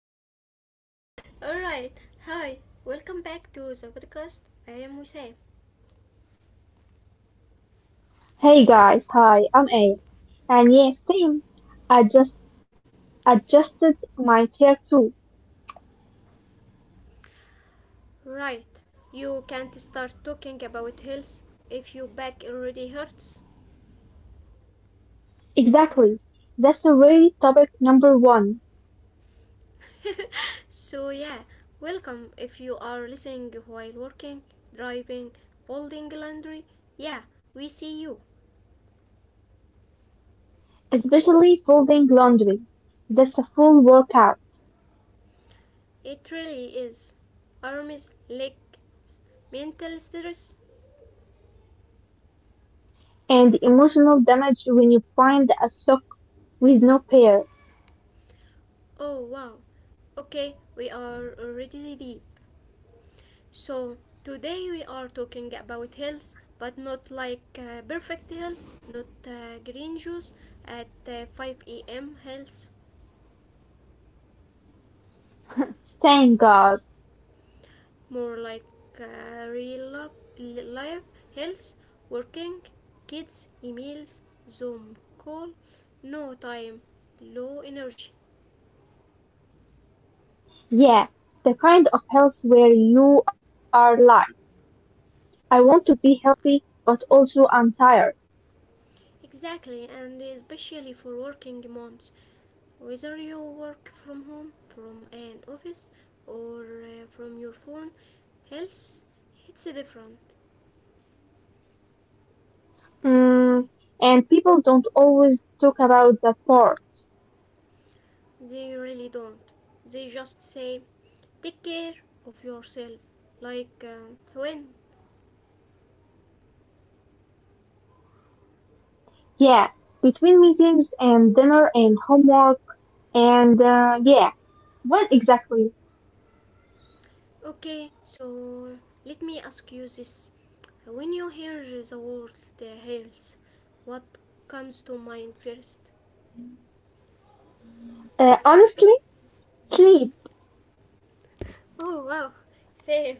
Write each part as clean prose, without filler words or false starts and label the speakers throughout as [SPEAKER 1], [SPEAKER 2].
[SPEAKER 1] first. All right. Hi. Welcome back to the podcast. I am Hussein.
[SPEAKER 2] Hey guys, hi, I'm A. And yes, same. I just adjusted my chair too.
[SPEAKER 1] Right. You can't start talking about health if your back already hurts.
[SPEAKER 2] Exactly. That's already topic number one.
[SPEAKER 1] so yeah, welcome if you are listening while working, driving, folding laundry. Yeah, we see you.
[SPEAKER 2] Especially folding laundry. That's a full workout.
[SPEAKER 1] It really is arms, legs, mental stress.
[SPEAKER 2] And the emotional damage when you find a sock with no pair.
[SPEAKER 1] Oh wow. Okay, we are already deep. So today we are talking about health, but not like perfect health, not green juice at 5 a.m. health,
[SPEAKER 2] Thank God.
[SPEAKER 1] more like real love, life, health, working, kids, emails, Zoom call, no time, low energy.
[SPEAKER 2] Yeah, the kind of health where you are like, I want to be healthy, but also I'm tired.
[SPEAKER 1] Exactly, and especially for working moms. Whether you work from home, from an office, or from your phone, health hits different.
[SPEAKER 2] Mm, and people don't always talk about that part.
[SPEAKER 1] They really don't. They just say, take care of yourself. When?
[SPEAKER 2] Yeah, between meetings and dinner and homework and yeah, when exactly?
[SPEAKER 1] Okay, so let me ask you this. When you hear the word health, what comes to mind first?
[SPEAKER 2] Honestly, sleep.
[SPEAKER 1] Oh wow, same.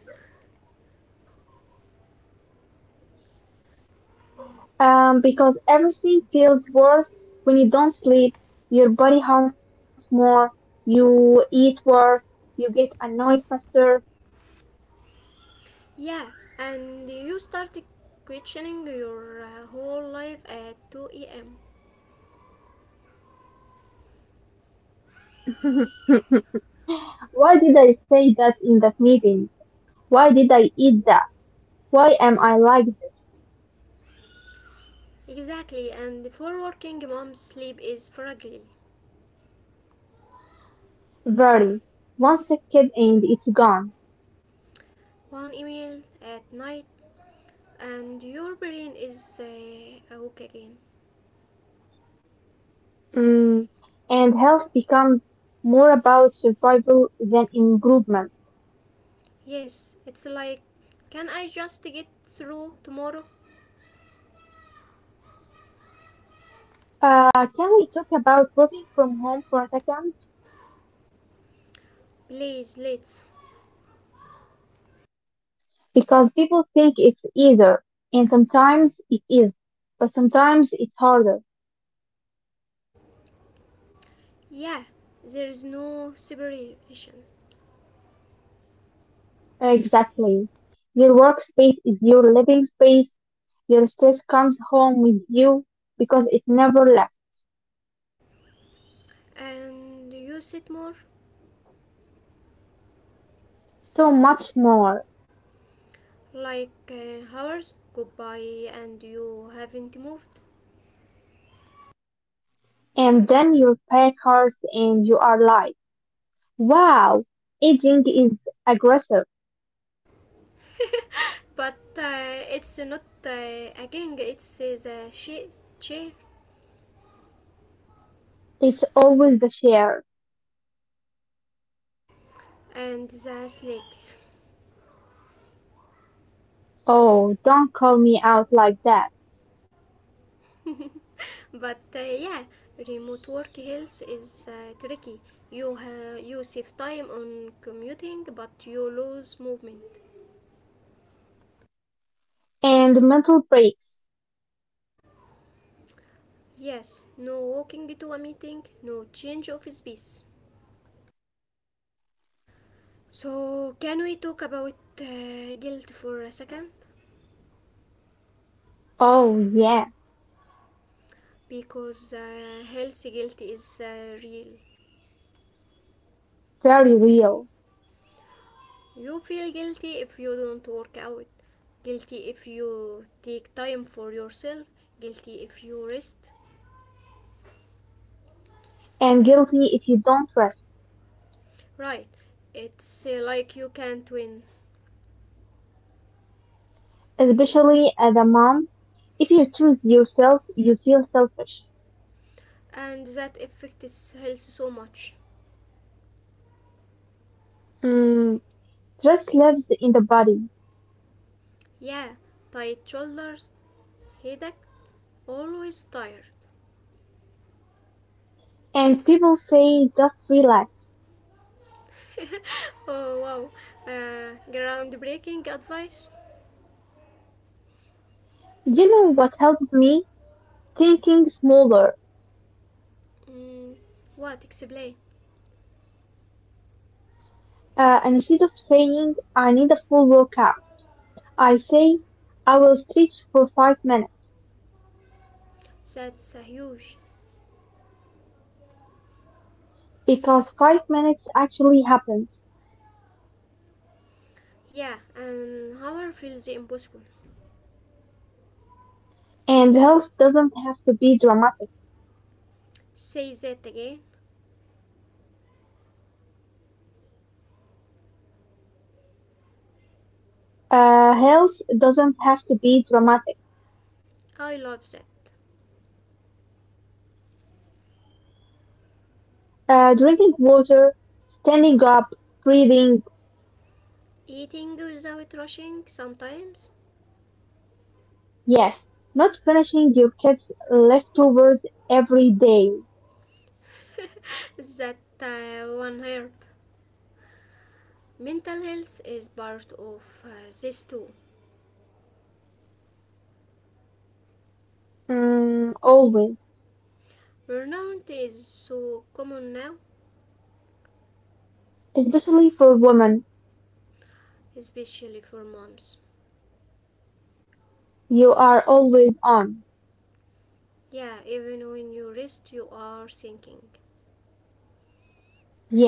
[SPEAKER 2] Because everything feels worse when you don't sleep. Your body hurts more. You eat worse. You get annoyed faster.
[SPEAKER 1] Yeah, and you started questioning your whole life at 2 a.m.
[SPEAKER 2] Why did I say that in that meeting? Why did I eat that? Why am I like this?
[SPEAKER 1] Exactly, and for working moms, sleep is fragile.
[SPEAKER 2] Very. One second and it's gone.
[SPEAKER 1] One email at night, and your brain is awake again.
[SPEAKER 2] Mm, and health becomes more about survival than improvement.
[SPEAKER 1] Yes, it's like, can I just get through tomorrow?
[SPEAKER 2] Can we talk about working from home for a second?
[SPEAKER 1] Please, let's.
[SPEAKER 2] Because people think it's either, and sometimes it is, but sometimes it's harder.
[SPEAKER 1] Yeah, there is no separation.
[SPEAKER 2] Exactly. Your workspace is your living space. Your stress comes home with you because it never left.
[SPEAKER 1] And you sit more,
[SPEAKER 2] So much more.
[SPEAKER 1] like hours go by, and you haven't moved.
[SPEAKER 2] And then you pack hurts and you are like, wow, aging is aggressive.
[SPEAKER 1] But it's not a gang, it's chair
[SPEAKER 2] It's always the share.
[SPEAKER 1] and the snakes.
[SPEAKER 2] Oh, don't call me out like that.
[SPEAKER 1] But yeah, remote work health is tricky. You you save time on commuting but you lose movement.
[SPEAKER 2] And mental breaks.
[SPEAKER 1] Yes, no walking to a meeting, no change of space. So can we talk about guilt for a second,
[SPEAKER 2] Oh yeah,
[SPEAKER 1] because health guilt is real.
[SPEAKER 2] very real.
[SPEAKER 1] You feel guilty if you don't work out, guilty if you take time for yourself, guilty if you rest.
[SPEAKER 2] And guilty if you don't rest.
[SPEAKER 1] Right, it's like you can't win,
[SPEAKER 2] Especially as a mom, if you choose yourself, you feel selfish.
[SPEAKER 1] and that affects health so much.
[SPEAKER 2] Mm, stress lives in the body.
[SPEAKER 1] Yeah, tight shoulders, headache, always tired.
[SPEAKER 2] And people say just relax.
[SPEAKER 1] Oh wow, groundbreaking advice.
[SPEAKER 2] You know what helped me? Thinking smaller.
[SPEAKER 1] Mm, what? Explain.
[SPEAKER 2] Instead of saying I need a full workout, I say I will stretch for 5 minutes.
[SPEAKER 1] That's a huge.
[SPEAKER 2] Because 5 minutes actually happens.
[SPEAKER 1] Yeah, and Howard feels impossible.
[SPEAKER 2] And health doesn't have to be dramatic.
[SPEAKER 1] Say that again.
[SPEAKER 2] Health doesn't have to be dramatic.
[SPEAKER 1] I love that.
[SPEAKER 2] Drinking water, standing up, breathing,
[SPEAKER 1] Eating without rushing sometimes.
[SPEAKER 2] yes. Not finishing your kids' leftovers every day.
[SPEAKER 1] That one hurt. Mental health is part of this too.
[SPEAKER 2] Mm, always.
[SPEAKER 1] Burnout is so common now,
[SPEAKER 2] Especially for women.
[SPEAKER 1] especially for moms.
[SPEAKER 2] You are always on.
[SPEAKER 1] Yeah, even when you rest, you are thinking.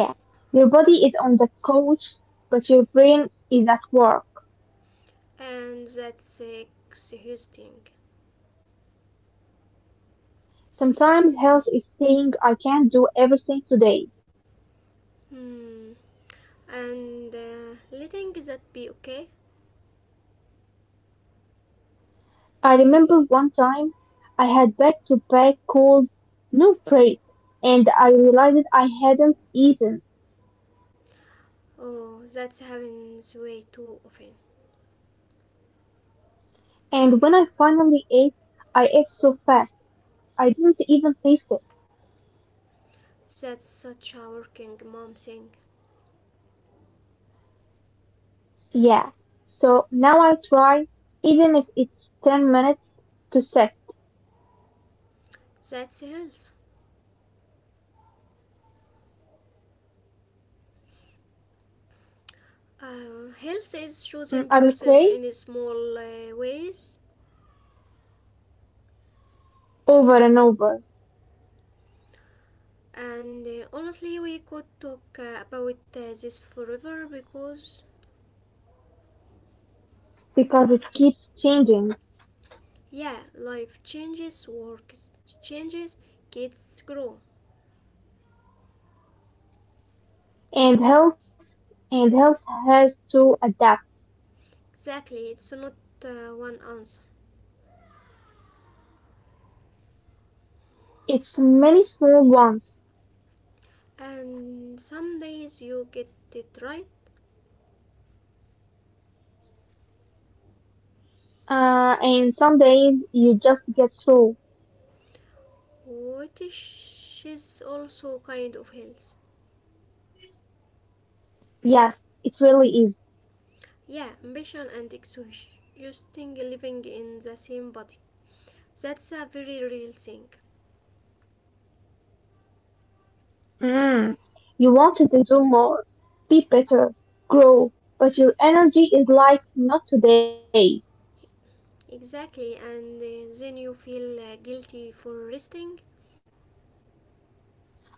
[SPEAKER 2] Yeah. Your body is on the couch, but your brain is at work.
[SPEAKER 1] And that's exhausting.
[SPEAKER 2] Sometimes health is saying, I can't do everything today.
[SPEAKER 1] Hmm. And letting that be okay?
[SPEAKER 2] I remember one time I had back to back calls, no break, and I realized I hadn't eaten.
[SPEAKER 1] Oh, that happens way too often.
[SPEAKER 2] And when I finally ate, I ate so fast I didn't even taste it.
[SPEAKER 1] That's such a working mom thing.
[SPEAKER 2] Yeah. So now I try, even if it's 10 minutes to set.
[SPEAKER 1] That's health. Health is
[SPEAKER 2] Mm,
[SPEAKER 1] choosing
[SPEAKER 2] I will
[SPEAKER 1] yourself
[SPEAKER 2] play
[SPEAKER 1] in small ways,
[SPEAKER 2] over and over
[SPEAKER 1] and honestly, we could talk about this forever, because
[SPEAKER 2] because it keeps changing
[SPEAKER 1] yeah, life changes, work changes, kids grow.
[SPEAKER 2] and health has to adapt.
[SPEAKER 1] Exactly, it's not one answer.
[SPEAKER 2] It's many small ones.
[SPEAKER 1] And some days you get it right,
[SPEAKER 2] And some days you just get through.
[SPEAKER 1] which is also kind of health.
[SPEAKER 2] Yes, it really is.
[SPEAKER 1] Yeah, ambition and exhaustion, living in the same body. That's a very real thing.
[SPEAKER 2] Mm. You wanted to do more, be better, grow, but your energy is like not today.
[SPEAKER 1] Exactly, and then you feel guilty for resting.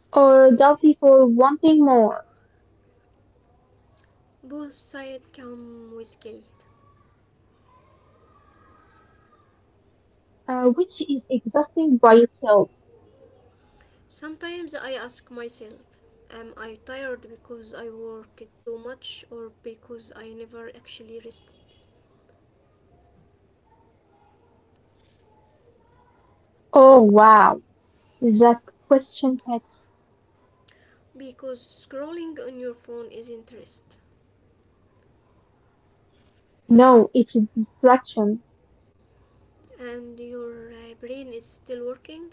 [SPEAKER 2] Or guilty for wanting more,
[SPEAKER 1] Both sides come with guilt.
[SPEAKER 2] which is exhausting by itself.
[SPEAKER 1] Sometimes I ask myself, am I tired because I worked too much or because I never actually rested?
[SPEAKER 2] Oh wow, that question hits.
[SPEAKER 1] Because scrolling on your phone isn't rest,
[SPEAKER 2] No, it's a distraction.
[SPEAKER 1] and your brain is still working,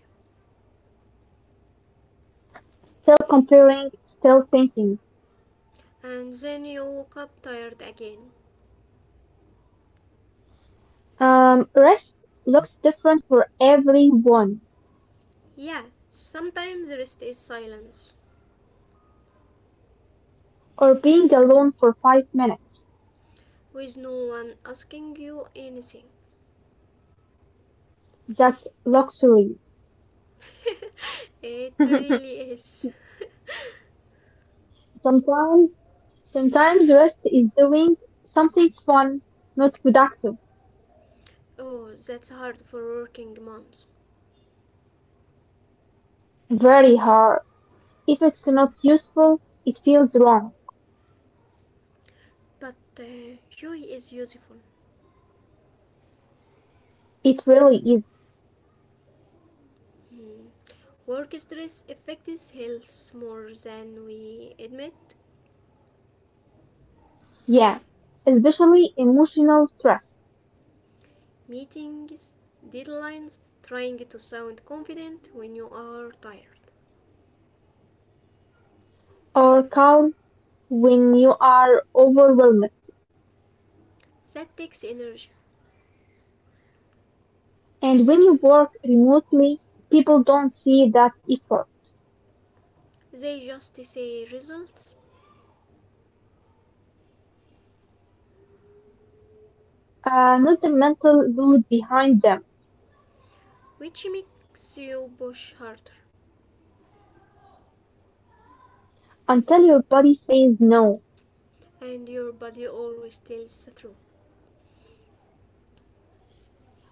[SPEAKER 2] Still comparing, still thinking.
[SPEAKER 1] and then you woke up tired again.
[SPEAKER 2] Rest looks different for everyone.
[SPEAKER 1] Yeah, sometimes rest is silence,
[SPEAKER 2] Or being alone for 5 minutes.
[SPEAKER 1] with no one asking you anything.
[SPEAKER 2] That's luxury.
[SPEAKER 1] it really is.
[SPEAKER 2] Sometimes, sometimes rest is doing something fun, not productive,
[SPEAKER 1] Oh, that's hard for working moms.
[SPEAKER 2] very hard. If it's not useful, it feels wrong.
[SPEAKER 1] But joy is useful.
[SPEAKER 2] It really is.
[SPEAKER 1] Hmm. Work stress affects health more than we admit.
[SPEAKER 2] Yeah, especially emotional stress
[SPEAKER 1] Meetings, deadlines, trying to sound confident when you are tired.
[SPEAKER 2] or calm when you are overwhelmed.
[SPEAKER 1] That takes energy.
[SPEAKER 2] And when you work remotely, people don't see that effort,
[SPEAKER 1] They just say results,
[SPEAKER 2] not the mental load behind them
[SPEAKER 1] which makes you push harder,
[SPEAKER 2] until your body says no.
[SPEAKER 1] and your body always tells the truth.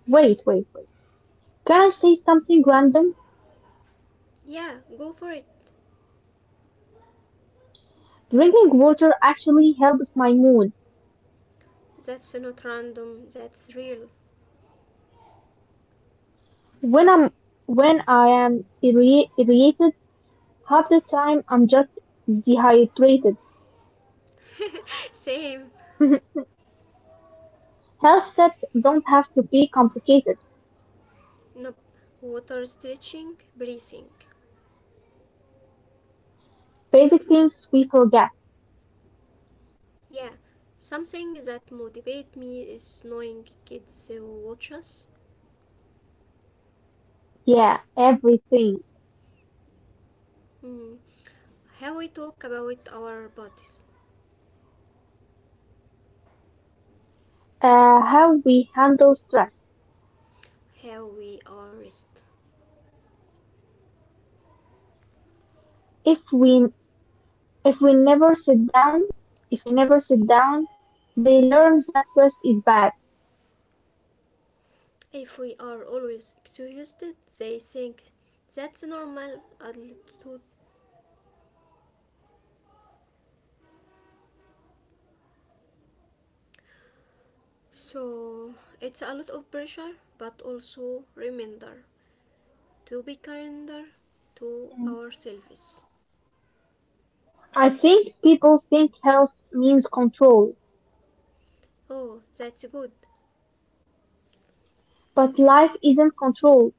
[SPEAKER 2] Wait, wait, wait. Can I say something random?
[SPEAKER 1] Yeah, go for it.
[SPEAKER 2] Drinking water actually helps my mood.
[SPEAKER 1] That's not random, that's real.
[SPEAKER 2] When I'm when I am irritated, half the time I'm just dehydrated.
[SPEAKER 1] Same.
[SPEAKER 2] Health steps don't have to be complicated.
[SPEAKER 1] Nope. Water, stretching, breathing.
[SPEAKER 2] Basic things we forget.
[SPEAKER 1] Yeah. Something that motivates me is knowing kids who watch us.
[SPEAKER 2] Yeah, everything.
[SPEAKER 1] Mm. How we talk about our bodies.
[SPEAKER 2] How we handle stress.
[SPEAKER 1] How we are rest.
[SPEAKER 2] If we if we never sit down, if we never sit down, they learn that rest is bad.
[SPEAKER 1] If we are always exhausted, they think that's normal attitude.
[SPEAKER 2] Mm,
[SPEAKER 1] So it's a lot of pressure, but also reminder to be kinder to ourselves.
[SPEAKER 2] I think people think health means control.
[SPEAKER 1] Oh, that's good,
[SPEAKER 2] But life isn't control.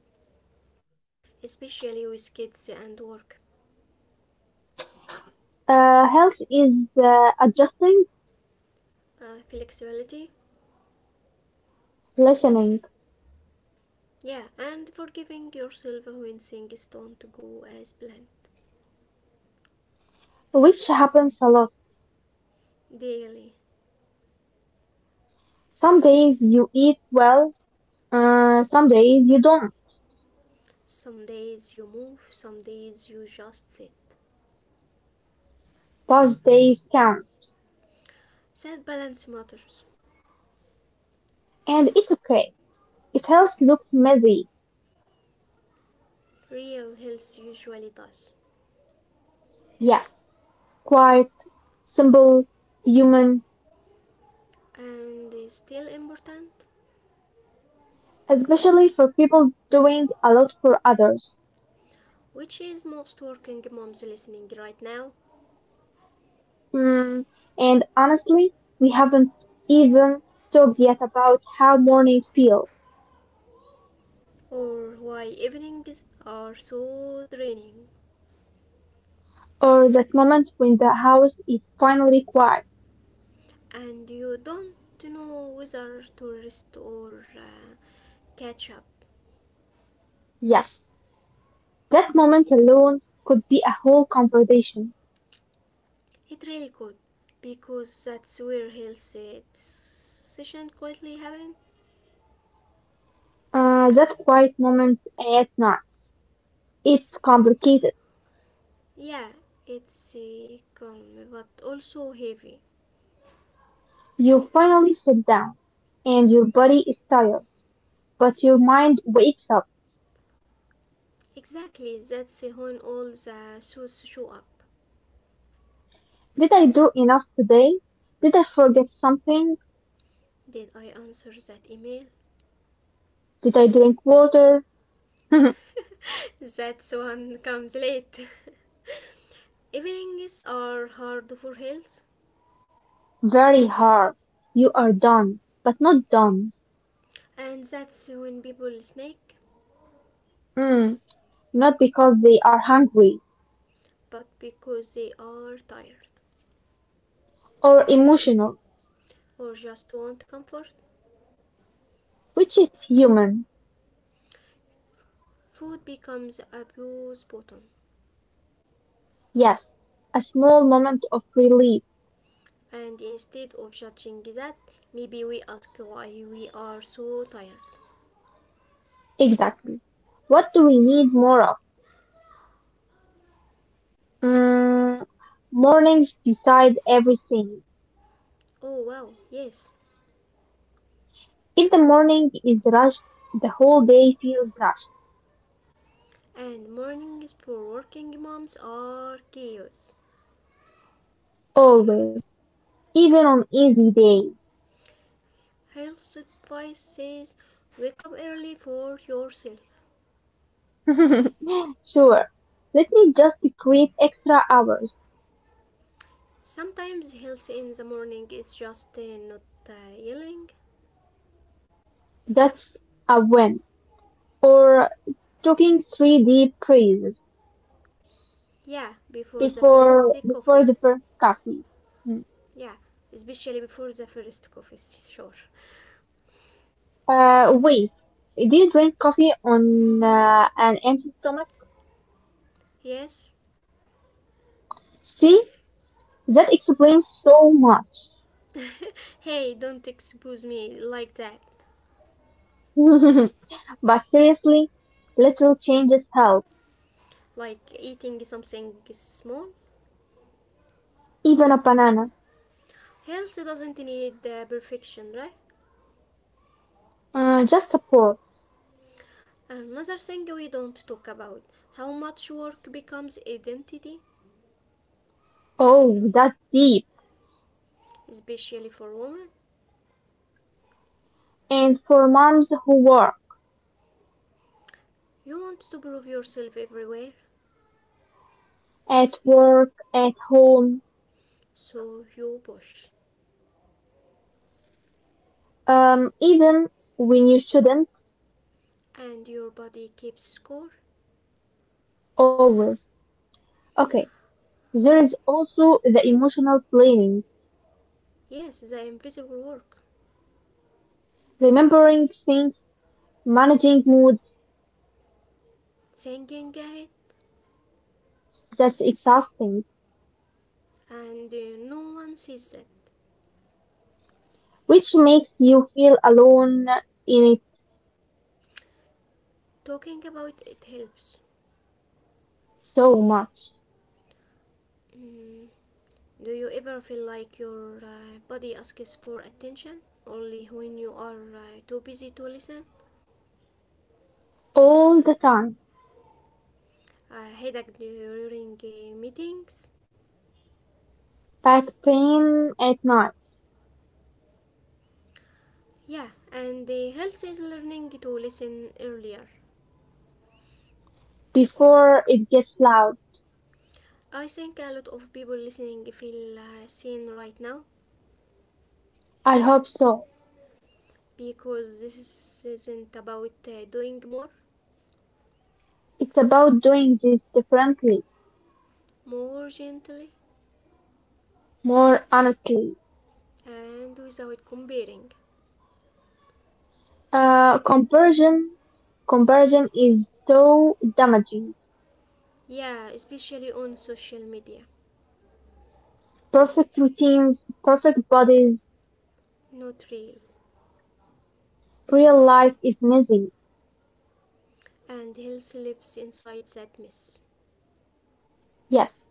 [SPEAKER 1] especially with kids and work.
[SPEAKER 2] Health is adjusting,
[SPEAKER 1] Flexibility?
[SPEAKER 2] listening,
[SPEAKER 1] Yeah, and forgiving yourself when things don't go as planned.
[SPEAKER 2] which happens a lot.
[SPEAKER 1] Daily.
[SPEAKER 2] Some days you eat well, some days you don't.
[SPEAKER 1] Some days you move, some days you just sit.
[SPEAKER 2] Those days count,
[SPEAKER 1] That balance matters.
[SPEAKER 2] and it's okay. If health looks messy,
[SPEAKER 1] Real health usually does.
[SPEAKER 2] yes, quiet, simple, human,
[SPEAKER 1] And is still important?
[SPEAKER 2] especially for people doing a lot for others.
[SPEAKER 1] Which is most working moms listening right now?
[SPEAKER 2] Hmm, and honestly, we haven't even talked yet about how mornings feel.
[SPEAKER 1] Or why evenings are so draining?
[SPEAKER 2] Or that moment when the house is finally quiet.
[SPEAKER 1] And you don't know whether to rest or catch up.
[SPEAKER 2] Yes, that moment alone could be a whole conversation.
[SPEAKER 1] It really could, because that's where healthy session quietly happen.
[SPEAKER 2] That quiet moment at night, it's complicated.
[SPEAKER 1] Yeah, it's calm, but also heavy.
[SPEAKER 2] You finally sit down, and your body is tired, but your mind wakes up.
[SPEAKER 1] Exactly, that's when all the suits show up.
[SPEAKER 2] Did I do enough today? Did I forget something?
[SPEAKER 1] Did I answer that email?
[SPEAKER 2] Did I drink water?
[SPEAKER 1] That one comes late. Evenings are hard for health,
[SPEAKER 2] Very hard. You are done, but not done.
[SPEAKER 1] and that's when people snake,
[SPEAKER 2] Mm, not because they are hungry
[SPEAKER 1] but because they are tired,
[SPEAKER 2] or emotional,
[SPEAKER 1] or just want comfort,
[SPEAKER 2] which is human.
[SPEAKER 1] food becomes a bruise button.
[SPEAKER 2] Yes, a small moment of relief.
[SPEAKER 1] And instead of judging that, maybe we ask why we are so tired.
[SPEAKER 2] Exactly. What do we need more of?
[SPEAKER 1] Yeah.
[SPEAKER 2] Mm, mornings decide everything.
[SPEAKER 1] Oh wow, yes.
[SPEAKER 2] If the morning is rushed, the whole day feels rushed.
[SPEAKER 1] And mornings for working moms are chaos.
[SPEAKER 2] Always. Even on easy days.
[SPEAKER 1] Health advice says wake up early for yourself.
[SPEAKER 2] Sure. Let me just create extra hours.
[SPEAKER 1] Sometimes health in the morning is just not uh, yelling.
[SPEAKER 2] That's a win. For taking three deep breaths
[SPEAKER 1] Yeah, before the first
[SPEAKER 2] before the
[SPEAKER 1] coffee.
[SPEAKER 2] first coffee. Mm.
[SPEAKER 1] Yeah, especially before the first coffee, sure.
[SPEAKER 2] Wait, do you drink coffee on an empty stomach?
[SPEAKER 1] Yes?
[SPEAKER 2] See, that explains so
[SPEAKER 1] Hey, don't expose me like that.
[SPEAKER 2] much. But seriously, little changes help.
[SPEAKER 1] Like eating something small.
[SPEAKER 2] Even a banana,
[SPEAKER 1] Health doesn't need perfection, right?
[SPEAKER 2] just a pour.
[SPEAKER 1] Another thing we don't talk about, how much work becomes identity,
[SPEAKER 2] Oh, that's deep.
[SPEAKER 1] especially for women.
[SPEAKER 2] And for moms who
[SPEAKER 1] You want to prove yourself everywhere,
[SPEAKER 2] work, at home,
[SPEAKER 1] so you push,
[SPEAKER 2] even when you shouldn't,
[SPEAKER 1] and your body keeps score.
[SPEAKER 2] always. Okay, there is also the emotional planning,
[SPEAKER 1] Yes, the invisible work.
[SPEAKER 2] remembering things, managing moods,
[SPEAKER 1] Thinking ahead,
[SPEAKER 2] that's exhausting,
[SPEAKER 1] and no one sees that.
[SPEAKER 2] which makes you feel alone in it
[SPEAKER 1] Talking about it helps.
[SPEAKER 2] so much.
[SPEAKER 1] Mm. Do you ever feel like your body asks for attention only when you are too busy to listen?
[SPEAKER 2] All the time.
[SPEAKER 1] Headache during meetings?
[SPEAKER 2] Back pain at night,
[SPEAKER 1] Yeah, and the health is learning to listen earlier.
[SPEAKER 2] before it gets loud.
[SPEAKER 1] I think a lot of people listening feel seen right now,
[SPEAKER 2] I hope so.
[SPEAKER 1] because this isn't about doing more,
[SPEAKER 2] It's about doing this differently,
[SPEAKER 1] more gently
[SPEAKER 2] more honestly.
[SPEAKER 1] and without comparing.
[SPEAKER 2] Uh, conversion, conversion is so damaging.
[SPEAKER 1] Yeah, especially on social media,
[SPEAKER 2] Perfect routines, perfect bodies.
[SPEAKER 1] not real.
[SPEAKER 2] Real life is messy,
[SPEAKER 1] And health lives inside that mess.
[SPEAKER 2] yes,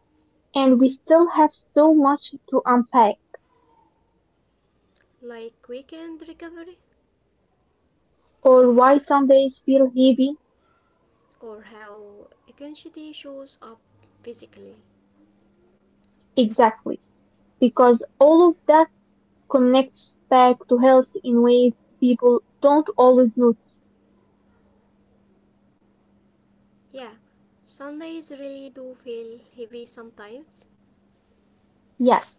[SPEAKER 2] and we still have so much to unpack.
[SPEAKER 1] Like weekend recovery,
[SPEAKER 2] Or why some days feel heavy?
[SPEAKER 1] or how anxiety shows up physically.
[SPEAKER 2] Exactly, because all of that connects back to health in ways people don't always notice.
[SPEAKER 1] Yeah, Sundays really do feel heavy sometimes.
[SPEAKER 2] Yes,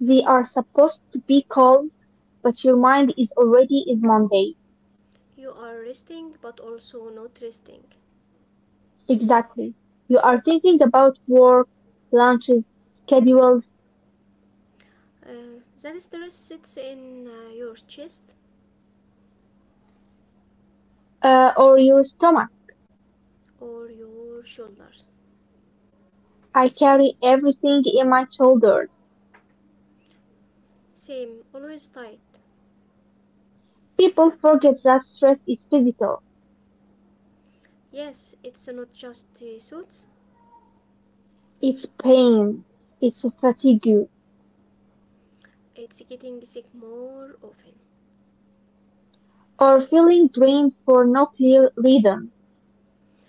[SPEAKER 2] they are supposed to be calm, but your mind is already is Monday.
[SPEAKER 1] You are resting but also not resting.
[SPEAKER 2] Exactly. You are thinking about work, lunches, schedules,
[SPEAKER 1] That stress sits in your chest
[SPEAKER 2] or your stomach.
[SPEAKER 1] or your shoulders.
[SPEAKER 2] I carry everything in my shoulders.
[SPEAKER 1] Same, always tight.
[SPEAKER 2] People forget that stress is physical,
[SPEAKER 1] Yes, it's not just the suits,
[SPEAKER 2] it's pain, it's fatigue,
[SPEAKER 1] it's getting sick more often.
[SPEAKER 2] or feeling drained for no clear reason.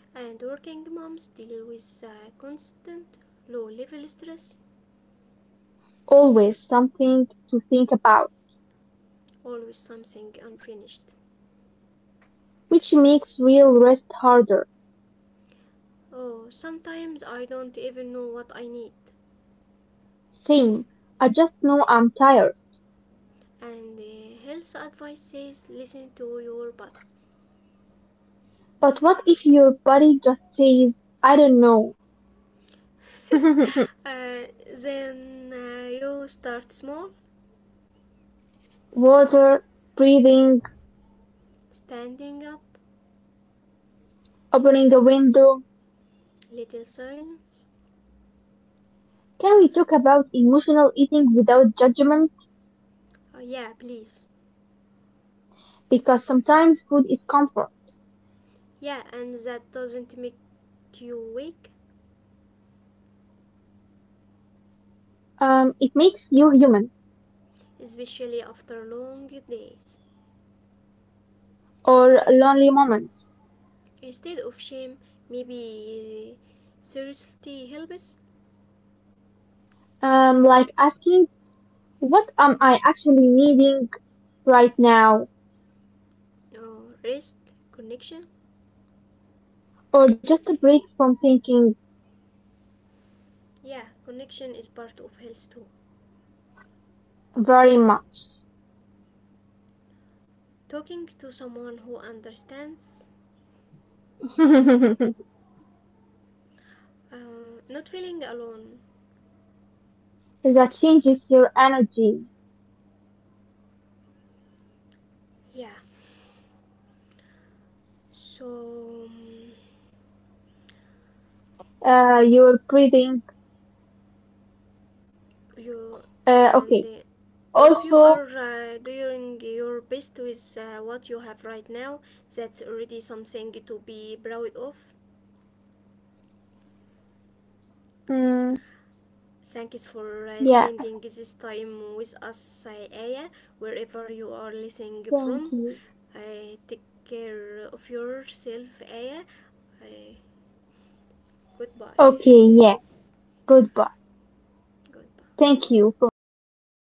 [SPEAKER 1] And working moms deal with constant low level stress,
[SPEAKER 2] Always something to think about,
[SPEAKER 1] always something unfinished.
[SPEAKER 2] which makes real rest harder.
[SPEAKER 1] Oh, sometimes I don't even know what I need.
[SPEAKER 2] Saying, I just know I'm tired.
[SPEAKER 1] And the health advice says listen to your body.
[SPEAKER 2] But what if your body just says, I don't know?
[SPEAKER 1] Uh, then you start small,
[SPEAKER 2] Water, breathing,
[SPEAKER 1] standing up,
[SPEAKER 2] opening the window.
[SPEAKER 1] little sign.
[SPEAKER 2] Can we talk about emotional eating without judgment?
[SPEAKER 1] Yeah, please.
[SPEAKER 2] Because sometimes food is comfort.
[SPEAKER 1] Yeah, and that doesn't make you weak,
[SPEAKER 2] It makes you human
[SPEAKER 1] especially after long days.
[SPEAKER 2] or lonely moments.
[SPEAKER 1] Instead of shame, maybe seriously helps,
[SPEAKER 2] Like asking, what am I actually needing right now?
[SPEAKER 1] or rest, connection.
[SPEAKER 2] Or just a break from thinking
[SPEAKER 1] Yeah, connection is part of health too.
[SPEAKER 2] very much.
[SPEAKER 1] Talking to someone who understands,
[SPEAKER 2] That
[SPEAKER 1] not feeling alone.
[SPEAKER 2] changes your energy,
[SPEAKER 1] Yeah. So
[SPEAKER 2] your breathing.
[SPEAKER 1] you
[SPEAKER 2] Uh,
[SPEAKER 1] and
[SPEAKER 2] okay.
[SPEAKER 1] if you
[SPEAKER 2] Also,
[SPEAKER 1] are doing your best with what you have right now, that's already something to be proud of.
[SPEAKER 2] mm,
[SPEAKER 1] Thank you for
[SPEAKER 2] yeah,
[SPEAKER 1] spending this time with us, Aya, wherever you are listening
[SPEAKER 2] thank
[SPEAKER 1] from.
[SPEAKER 2] you.
[SPEAKER 1] Take care of yourself, Aya. Uh, Goodbye.
[SPEAKER 2] Okay, yeah, goodbye.
[SPEAKER 1] Goodbye.
[SPEAKER 2] Thank you for spending